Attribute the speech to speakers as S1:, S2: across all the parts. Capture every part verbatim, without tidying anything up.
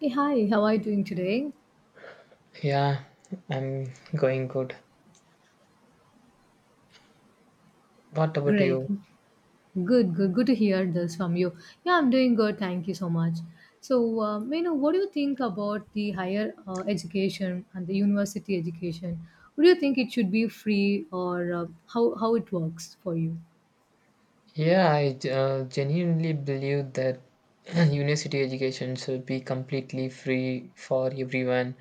S1: Hey, hi, how are you doing today?
S2: Yeah, I'm going good. What about
S1: Great.
S2: you?
S1: Good, good, good to hear this from you. Yeah, I'm doing good. Thank you so much. So, uh, you know, what do you think about the higher uh, education and the university education? What do you think, it should be free or uh, how, how it works for you?
S2: Yeah, I ge- uh, genuinely believe that university education should be completely free for everyone.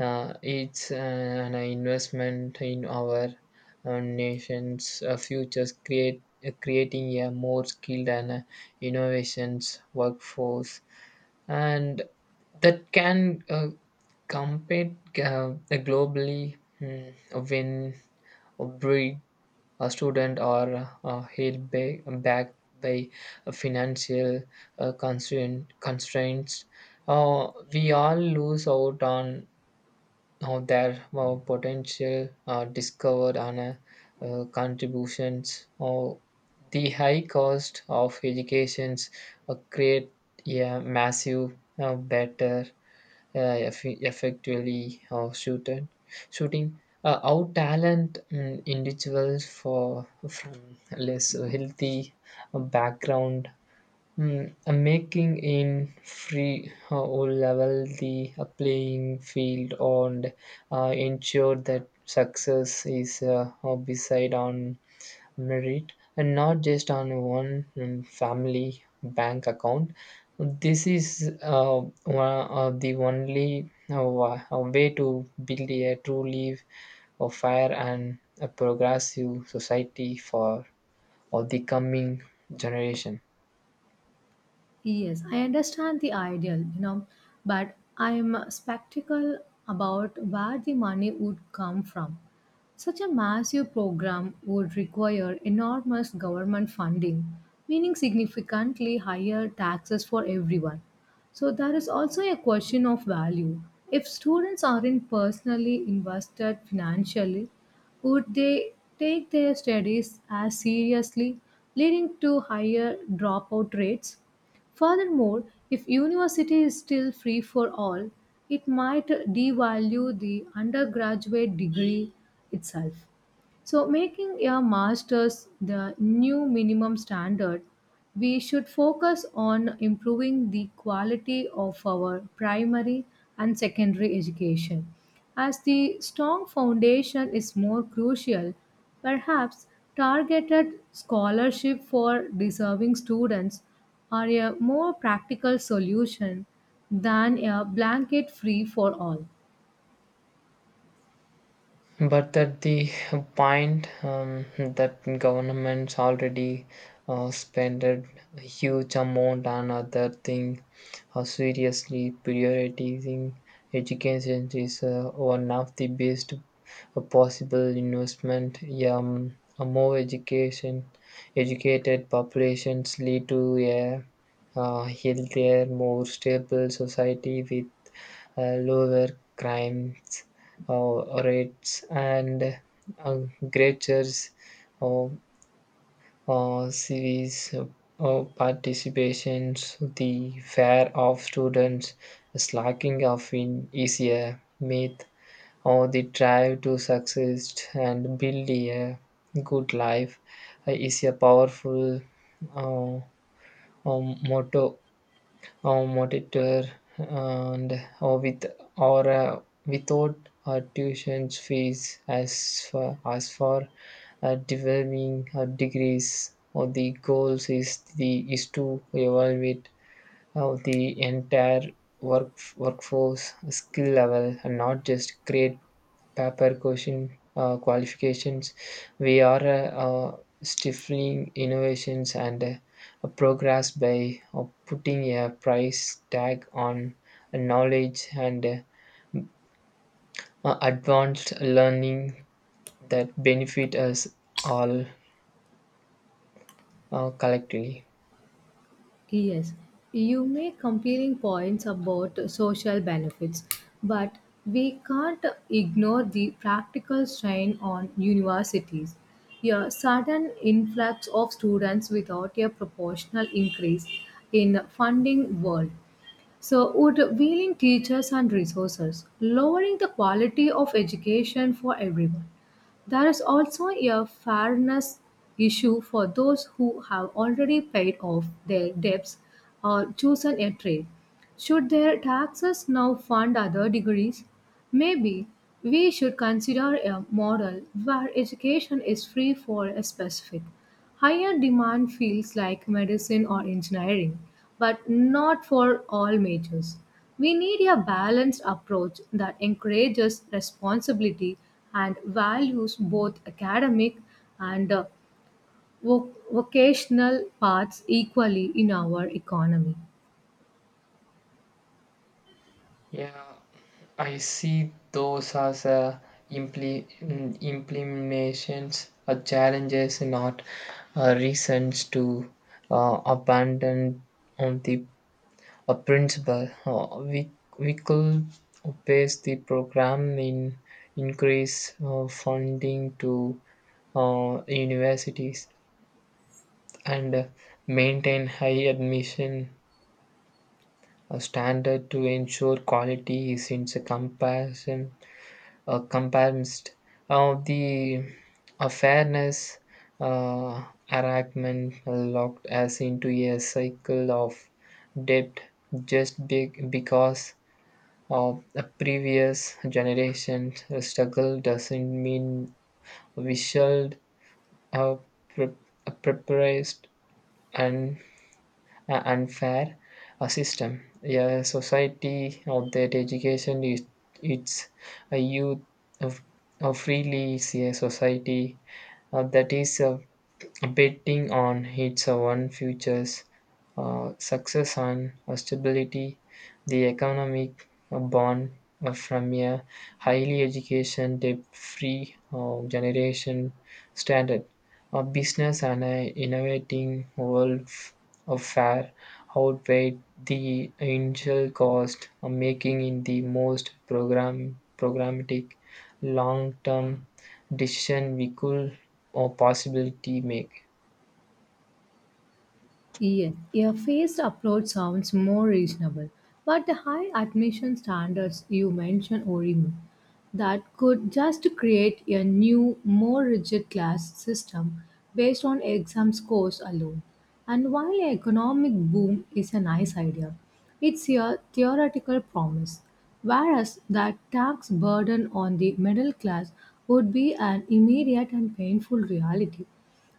S2: Uh, it's uh, an investment in our uh, nation's uh, futures, create, uh, creating a more skilled and uh, innovations workforce, and that can uh, compete uh, globally, mm, when breed a student are uh, held ba- back by financial uh, constraint, constraints. Uh, we all lose out on uh, their uh, potential uh, discovered on uh, uh, contributions. Uh, the high cost of educations uh, create a massive uh, better uh, eff- effectively of shooted, shooting uh, out talent, mm, individuals for from less healthy uh, background, mm, uh, making in free uh, or level the uh, playing field and uh, ensure that success is uh, beside on merit and not just on one um, family bank account. This is uh, one, uh, the only uh, wa- uh, way to build a truly a fair and a progressive society for all the coming generation.
S1: Yes, I understand the ideal, you know, but I'm skeptical about where the money would come from. Such a massive program would require enormous government funding, meaning significantly higher taxes for everyone. So there is also a question of value. If students aren't personally invested financially, would they take their studies as seriously, leading to higher dropout rates? Furthermore, if university is still free for all, it might devalue the undergraduate degree itself. So, making a master's the new minimum standard, we should focus on improving the quality of our primary and secondary education. As the strong foundation is more crucial, perhaps targeted scholarship for deserving students are a more practical solution than a blanket free for all.
S2: But at the point um, that governments already uh, spended a huge amount on other thing. Uh, seriously, prioritizing education is uh, one of the best uh, possible investment. Yeah. Um, a more education, educated populations lead to a uh, healthier, more stable society with uh, lower crimes uh, rates and uh, greater uh, uh, series uh, participations. The fair of students, slacking of in is a myth, or the drive to succeed and build a good life uh, is a powerful uh, um, motto uh, monitor, and or with or uh, without uh, tuition fees. As for, as for uh, developing uh, degrees or the goals is the is to evaluate uh, the entire work workforce skill level and not just grade paper question, uh, qualifications. We are uh, uh, stifling innovations and uh, progress by uh, putting a price tag on knowledge and uh, uh, advanced learning that benefit us all uh, collectively.
S1: Yes, you make compelling points about social benefits, but we can't ignore the practical strain on universities. A sudden influx of students without a proportional increase in funding world. So would weaning teachers and resources, lowering the quality of education for everyone. There is also a fairness issue for those who have already paid off their debts or chosen a trade. Should their taxes now fund other degrees? Maybe we should consider a model where education is free for a specific higher demand fields like medicine or engineering, but not for all majors. We need a balanced approach that encourages responsibility and values both academic and uh, voc- vocational paths equally in our economy.
S2: Yeah, I see those as uh, impli- mm, implementations or challenges, not uh, reasons to uh, abandon on the a principle. Uh, we we could base the program in increase uh, funding to uh, universities and uh, maintain high admission uh, standard to ensure quality, since a comparison uh, comparisons, uh, the uh, fairness uh, arrangement locked us into a cycle of debt. Just be- because of the previous generation struggle doesn't mean we should have pre- uh, prepared and a unfair a system. A society of that education is its a youth of, of freely is a society uh, that is uh, betting on its own futures uh, success and stability. The economic uh, bond uh, from a highly education, debt-free uh, generation standard, a business and an innovating world f- of fair outweighed the initial cost, uh, making in the most program programmatic long-term decision we could or possibility make.
S1: Yeah, a phased approach sounds more reasonable, but the high admission standards you mentioned worry me. That could just create a new, more rigid class system based on exam scores alone. And while an economic boom is a nice idea, it's a theoretical promise, whereas that tax burden on the middle class would be an immediate and painful reality.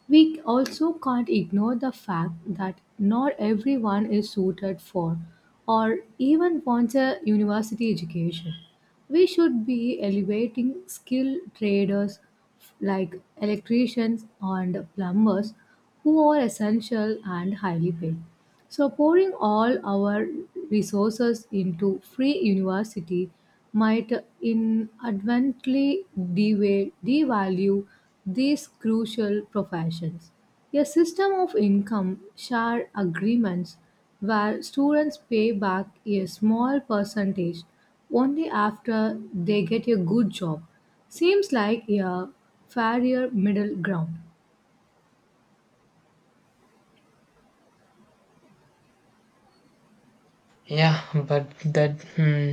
S1: We also can't ignore the fact that not everyone is suited for or even wants a university education. We should be elevating skilled traders like electricians and plumbers who are essential and highly paid. So, pouring all our resources into free university might inadvertently deva- devalue these crucial professions. A system of income share agreements where students pay back a small percentage only after they get a good job seems like a fairer middle ground.
S2: Yeah, but that, hmm,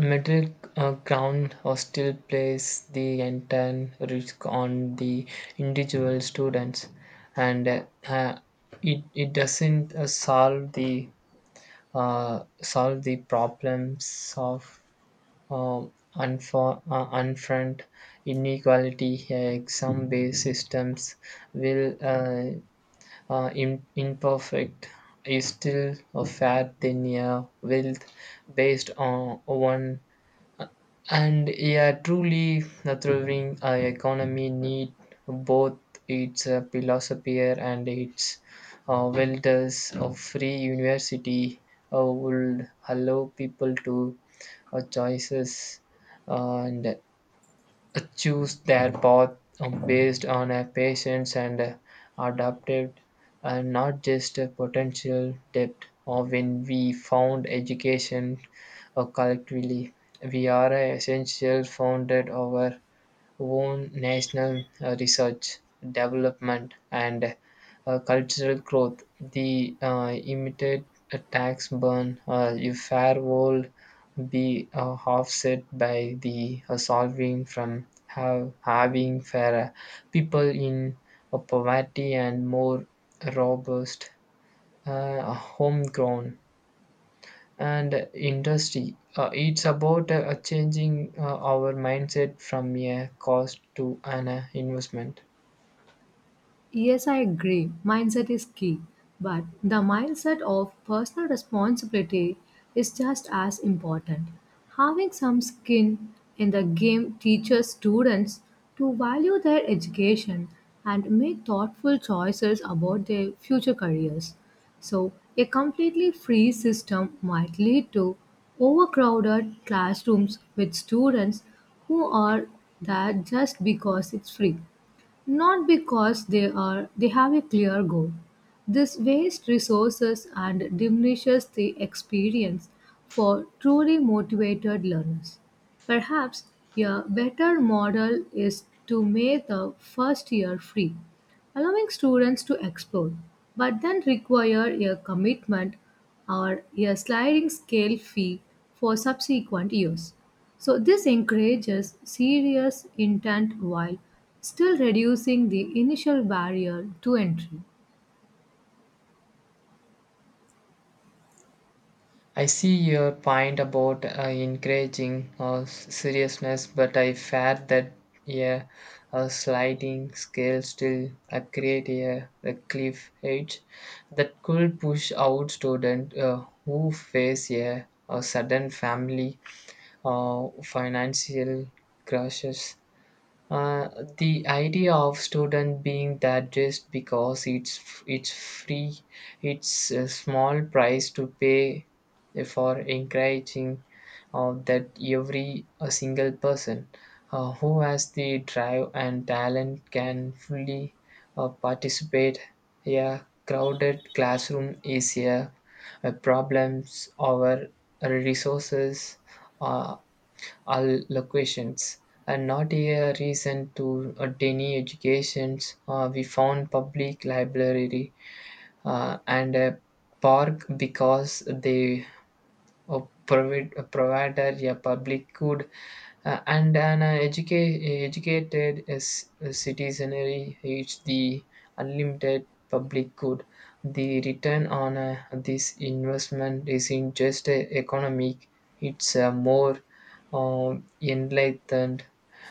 S2: middle uh, ground or still plays the entire risk on the individual students, and uh, uh, it it doesn't uh, solve the uh, solve the problems of um, unfor- uh, unfront inequality. Uh, Some based systems will uh, uh, im- imperfect is still a fat thin a wealth based on one, and a truly a thriving uh, economy need both its uh, philosopher and its uh, welders of free university uh, would allow people to uh, choices uh, and choose their path um, based on a patience and uh, adaptive and not just a potential depth. Or when we found education uh, collectively, we are a essential founded our own national uh, research, development, and uh, cultural growth. The uh, immediate tax burn, uh, if fair world be uh, offset by the uh, solving from have, having fairer people in uh, poverty and more robust uh, homegrown and industry. Uh, it's about uh, uh, changing uh, our mindset from a cost to an uh, investment.
S1: Yes, I agree. Mindset is key. But the mindset of personal responsibility is just as important. Having some skin in the game teaches students to value their education and make thoughtful choices about their future careers. So, a completely free system might lead to overcrowded classrooms with students who are there just because it's free, not because they are they have a clear goal. This wastes resources and diminishes the experience for truly motivated learners. Perhaps a better model is to make the first year free, allowing students to explore, but then require a commitment or a sliding scale fee for subsequent years. So, this encourages serious intent while still reducing the initial barrier to entry.
S2: I see your point about uh, encouraging uh, s- seriousness, but I fear that, yeah, a sliding scale still uh, create a, a cliff edge that could push out students uh, who face a, a sudden family uh, financial crashes. Uh, the idea of student being that just because it's it's free, it's a small price to pay for encouraging uh, that every a single person uh, who has the drive and talent can fully uh, participate. A crowded classroom is a, a problem. Our resources uh, allocations, and not a reason to uh, deny educations. Uh, we found public library uh, and a park because they uh, provide, uh, provided a public good uh, and an uh, educa- educated s- uh, citizenry is the unlimited public good. The return on uh, this investment isn't just uh, economic, it's a more um, enlightened,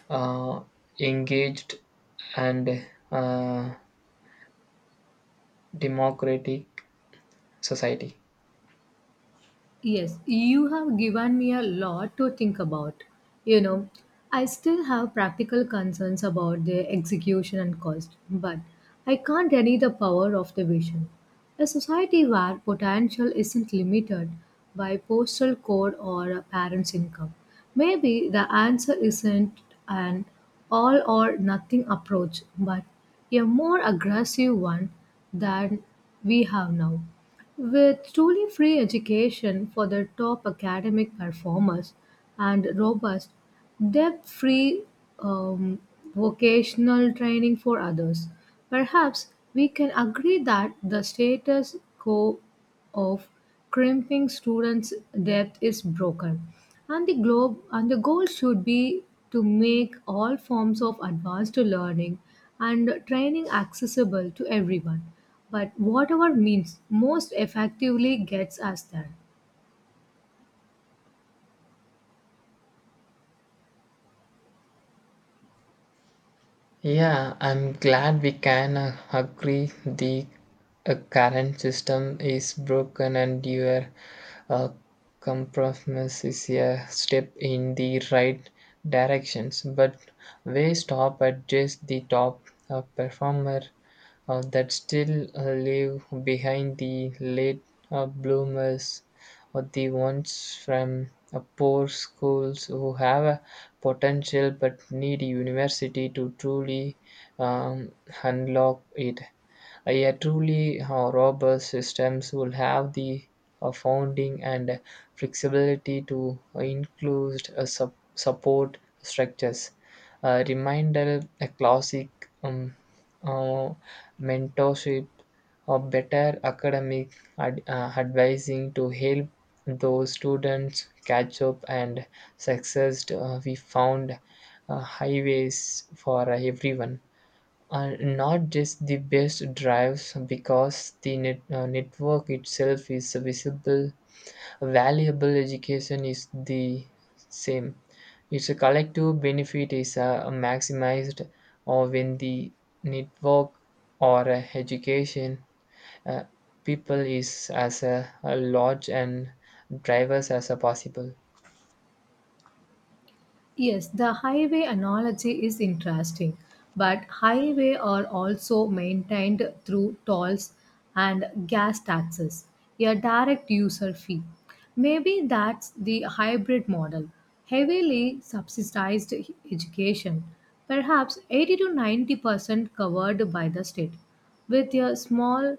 S2: uh, engaged, and uh, democratic society.
S1: Yes, you have given me a lot to think about. You know, I still have practical concerns about their execution and cost, but I can't deny the power of the vision. A society where potential isn't limited by postal code or a parent's income. Maybe the answer isn't an all or nothing approach, but a more aggressive one than we have now. With truly free education for the top academic performers and robust, debt free um, vocational training for others, perhaps we can agree that the status quo of crimping students' depth is broken. And the globe and the goal should be to make all forms of advanced learning and training accessible to everyone. But whatever means most effectively gets us there.
S2: Yeah, I'm glad we can uh, agree the uh, current system is broken and your uh, compromise is a step in the right directions. But we stop at just the top uh, performer uh, that still uh, live behind the late uh, bloomers or the ones from uh, poor schools who have potential but need a university to truly um, unlock it. A truly uh, robust systems will have the uh, founding and flexibility to include uh, sup- support structures. A reminder a classic um, uh, mentorship or better academic ad- uh, advising to help those students catch up and success. Uh, we found uh, highways for everyone are not just the best drives because the net, uh, network itself is visible valuable. Education is the same, its a collective benefit is uh, maximized or when the network or uh, education uh, people is as a, a large and drivers as a possible.
S1: Yes, the highway analogy is interesting, but highway are also maintained through tolls and gas taxes, a direct user fee. Maybe that's the hybrid model, heavily subsidized education, perhaps eighty to ninety percent covered by the state, with a small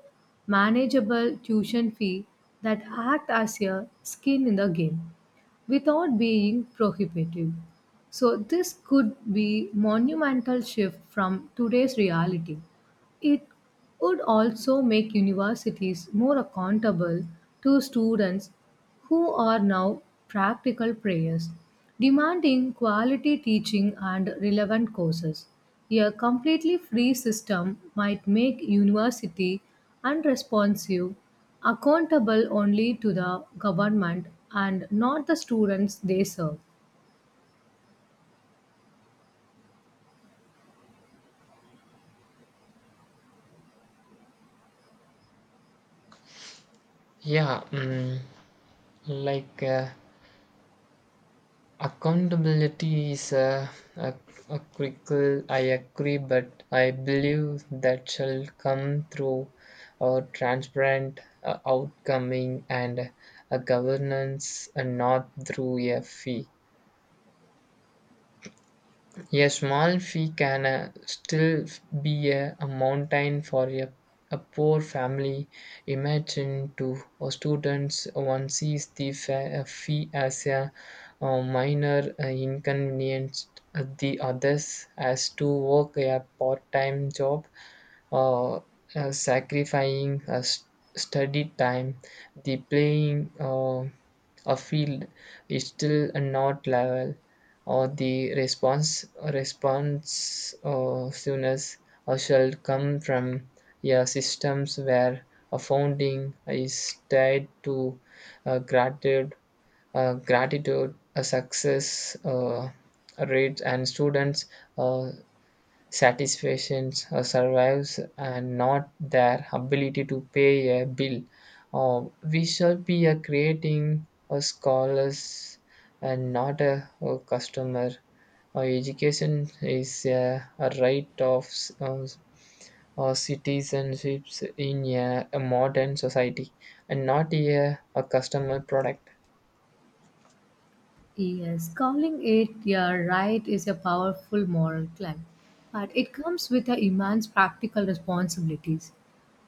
S1: manageable tuition fee that act as a skin in the game without being prohibitive. So this could be monumental shift from today's reality. It would also make universities more accountable to students who are now practical players, demanding quality teaching and relevant courses. A completely free system might make university unresponsive, accountable only to the government and not the students they serve.
S2: Yeah, mm, like, uh, accountability is a, a, a critical, I agree, but I believe that shall come through a transparent uh, outcoming and a governance and not through a fee. A small fee can uh, still be a, a mountain for a, a poor family. Imagine to uh, students, one sees the fa- uh, fee as a uh, minor uh, inconvenience, uh, the others as to work a part time job, uh, uh, sacrificing a s- study time, the playing uh, a field is still not level. Or the response response uh, soonest or shall come from, yeah, systems where a founding is tied to uh, gratitude, uh, gratitude, a success uh, rates, and students' uh, satisfactions uh, survives and not their ability to pay a bill. Uh, we shall be uh, creating a scholars and not a, a customer. Uh, education is a, a right of s- uh, uh, citizenships in a, a modern society and not a, a customer product.
S1: Yes, calling it your right is a powerful moral claim, but it comes with a immense practical responsibilities.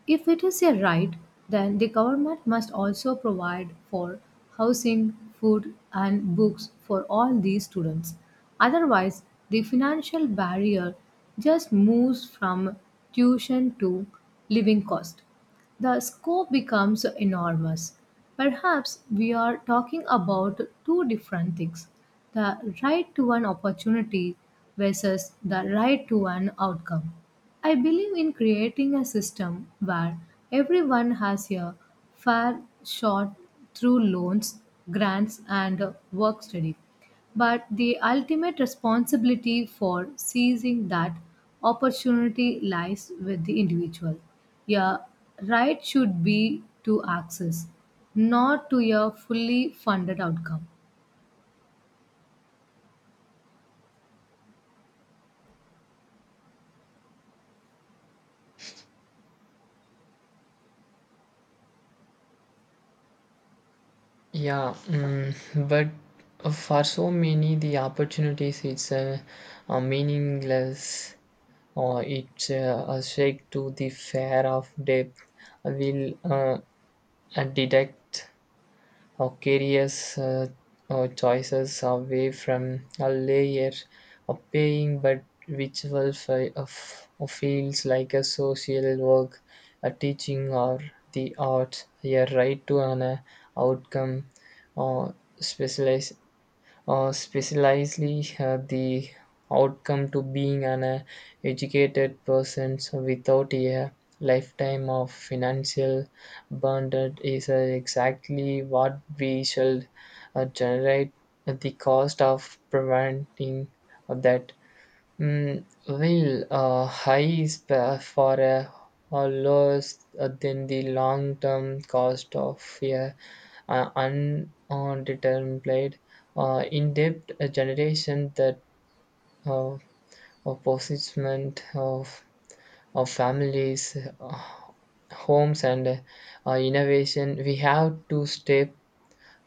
S1: If it is a right, then the government must also provide for housing, food, and books for all these students. Otherwise, the financial barrier just moves from tuition to living cost. The scope becomes enormous. Perhaps we are talking about two different things: the right to an opportunity versus the right to an outcome. I believe in creating a system where everyone has a fair shot through loans, grants, and work study. But the ultimate responsibility for seizing that opportunity lies with the individual. Your right should be to access, not to a fully funded outcome.
S2: Yeah, mm, but for so many, the opportunities it's uh, uh, meaningless or it's uh, a shake to the fair of depth will uh, uh, deduct or careers uh, or choices away from a layer of paying but ritual fi- of, of fields like a social work, a teaching or the arts. A right to an uh, outcome or specialize uh, specializely uh, the outcome to being an uh, educated person so without a lifetime of financial burden is uh, exactly what we shall uh, generate at the cost of preventing that. Mm, well, uh, high is for a or low uh, than the long term cost of a uh, undetermined uh, in depth generation that uh, of possession of, of families, uh, homes, and uh, innovation. We have to step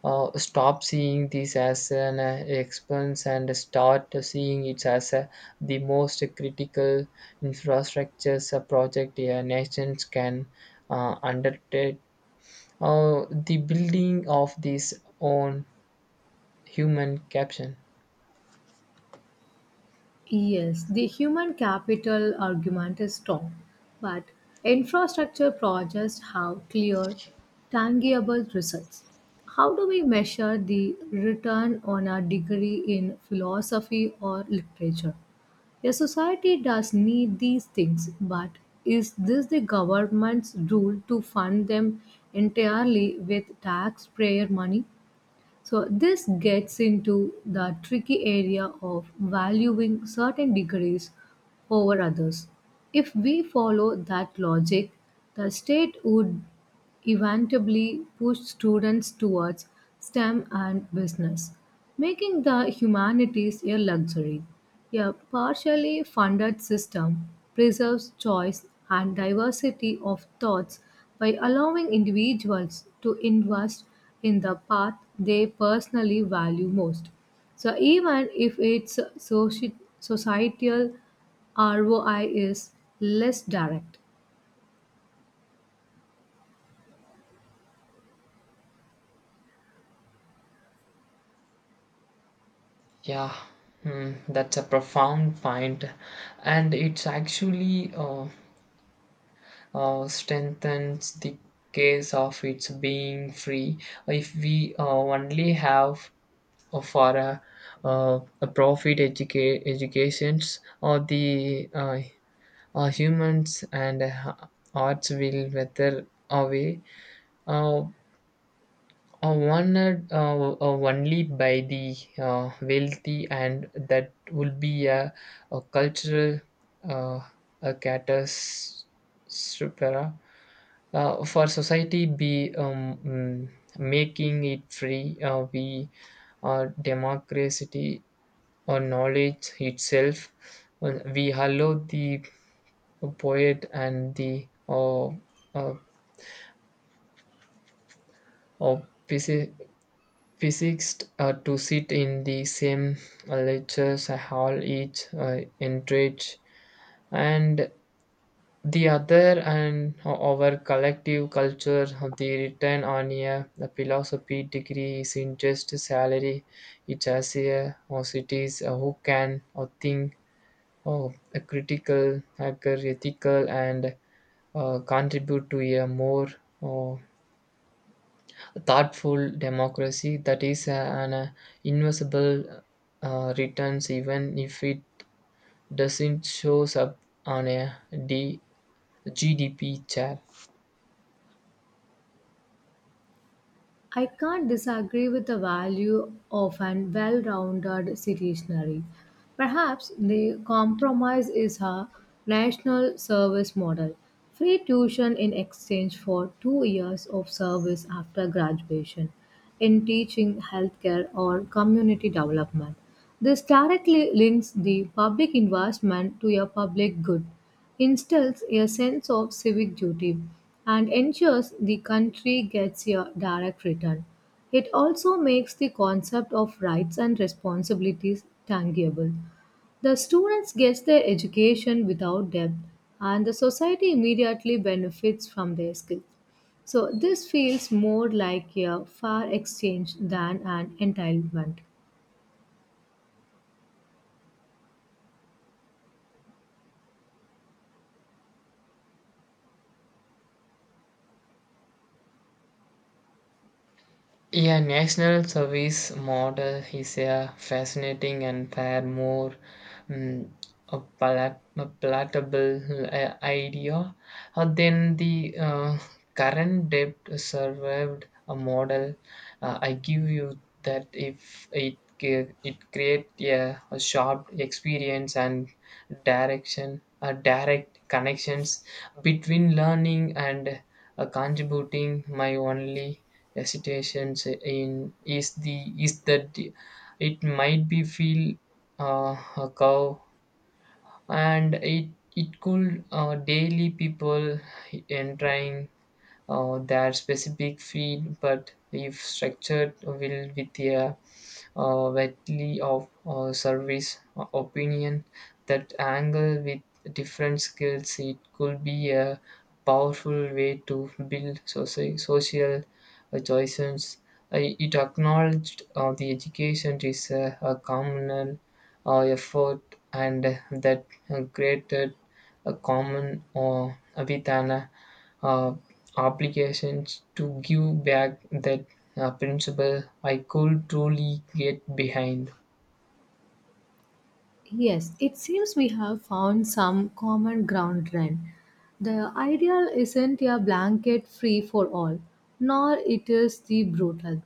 S2: uh, stop seeing this as an uh, expense and start seeing it as uh, the most critical infrastructures a project a nation can uh, undertake. Uh, the building of this own human caption.
S1: Yes, the human capital argument is strong, but infrastructure projects have clear, tangible results. How do we measure the return on a degree in philosophy or literature? A society does need these things, but is this the government's rule to fund them entirely with taxpayer money? So, this gets into the tricky area of valuing certain degrees over others. If we follow that logic, the state would eventually, pushed students towards STEM and business, making the humanities a luxury. A partially funded system preserves choice and diversity of thoughts by allowing individuals to invest in the path they personally value most. So, even if its soci- societal R O I is less direct.
S2: Yeah, hmm, that's a profound point, and it's actually uh, uh, strengthens the case of its being free. If we uh, only have or for a, uh, a profit educa- educations or the uh, uh, humans and uh, arts will wither away uh, uh, one uh, uh, uh, only by the uh, wealthy, and that will be a, a cultural uh, a catastrophe uh, for society. Be um, mm, making it free uh, we uh, democracy or knowledge itself. Well, we allow the poet and the uh, uh, uh, physicist uh, to sit in the same uh, lectures uh, hall, each uh, enrich and the other and uh, our collective culture. Of the return on a philosophy degree is in just salary, it has a or cities uh, who can or think, oh, a critical hacker, ethical, and uh, contribute to a more uh, thoughtful democracy. That is uh, an uh, invisible uh, returns even if it doesn't shows up on a D- G D P chair.
S1: I can't disagree with the value of an well rounded citizenry. Perhaps the compromise is a national service model, free tuition in exchange for two years of service after graduation in teaching, healthcare, or community development. This directly links the public investment to a public good, instills a sense of civic duty, and ensures the country gets a direct return. It also makes the concept of rights and responsibilities tangible. The students get their education without debt, and the society immediately benefits from their skills. So this feels more like a fair exchange than an entitlement.
S2: Yeah, national service model is a fascinating and far more um, a palat- a palatable uh, idea uh, than the uh, current debt served a model. Uh, I give you that. If it ge- it create a, a sharp experience and direction, uh, direct connections between learning and uh, contributing. My only hesitations in is the is that it might be feel uh, a cow, and it it could uh, daily people in trying uh, their specific field, but if structured will with a uh, widely of uh, service o- opinion that angle with different skills, it could be a powerful way to build soci- social uh, choices. I- It acknowledged uh, the education is a, a communal uh, effort and that uh, created a common uh, with an uh, uh, applications to give back that uh, principle. I could truly get behind.
S1: Yes, it seems we have found some common ground trend. The ideal isn't a blanket free for all, nor it is the brutal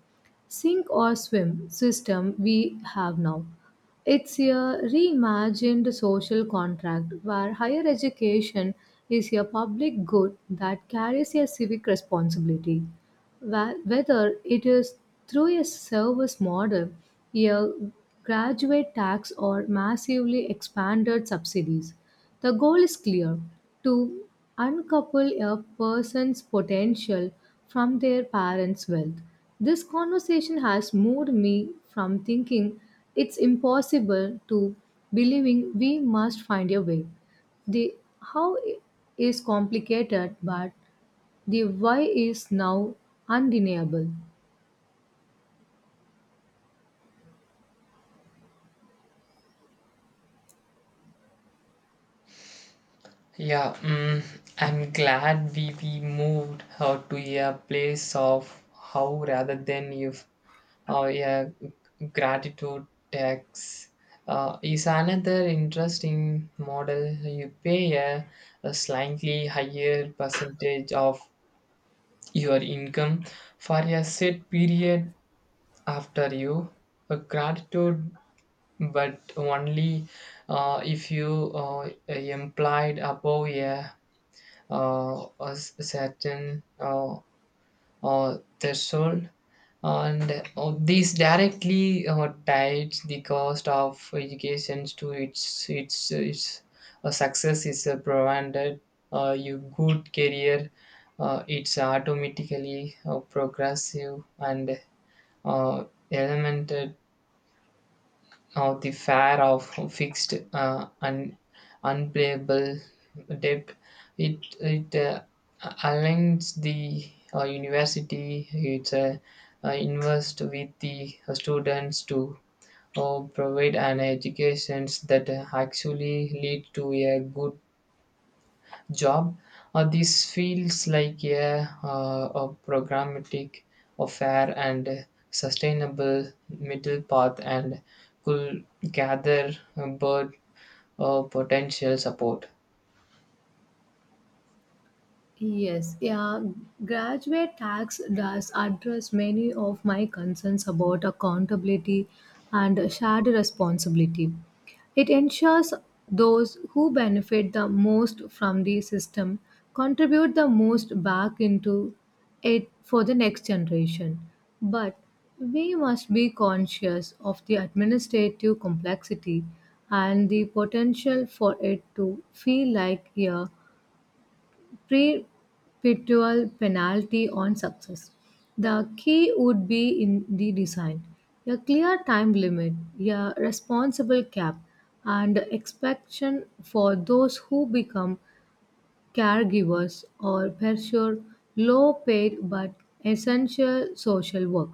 S1: sink or swim system we have now. It's a reimagined social contract where higher education is a public good that carries a civic responsibility. Wha- whether it is through a service model, a graduate tax, or massively expanded subsidies. The goal is clear, to uncouple a person's potential from their parents' wealth. This conversation has moved me from thinking it's impossible to believing we must find a way. The how is complicated, but the why is now undeniable.
S2: Yeah, mm, I'm glad we, we moved uh, to a place of how rather than if. Uh, yeah, gratitude tax uh, is another interesting model. You pay a, a slightly higher percentage of your income for a set period after you a gratitude, but only uh, if you uh, implied above a, uh, a s- certain uh, uh, threshold, and uh, this directly uh, ties the cost of education to its its its uh, success is uh, provided uh, your good career. Uh, it's automatically uh, progressive and uh, elemented uh, the fare of fixed uh, un, unplayable debt. It it uh, aligns the uh, university. It's uh, uh, invest with the students to uh, provide an education that actually lead to a good job. Uh, this feels like a, uh, a programmatic, a fair and sustainable middle path and could gather uh, bird uh, potential support.
S1: Yes, yeah, graduate tax does address many of my concerns about accountability and shared responsibility. It ensures those who benefit the most from the system contribute the most back into it for the next generation. But we must be conscious of the administrative complexity and the potential for it to feel like a perpetual penalty on success. The key would be in the design: a clear time limit, a responsible cap, and expectation for those who become caregivers or pursue low paid but essential social work.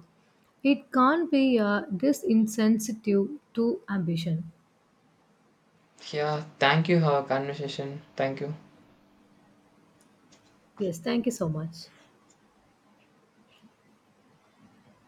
S1: It can't be a disincentive to ambition.
S2: Yeah, thank you for our conversation. Thank you.
S1: Yes, thank you so much.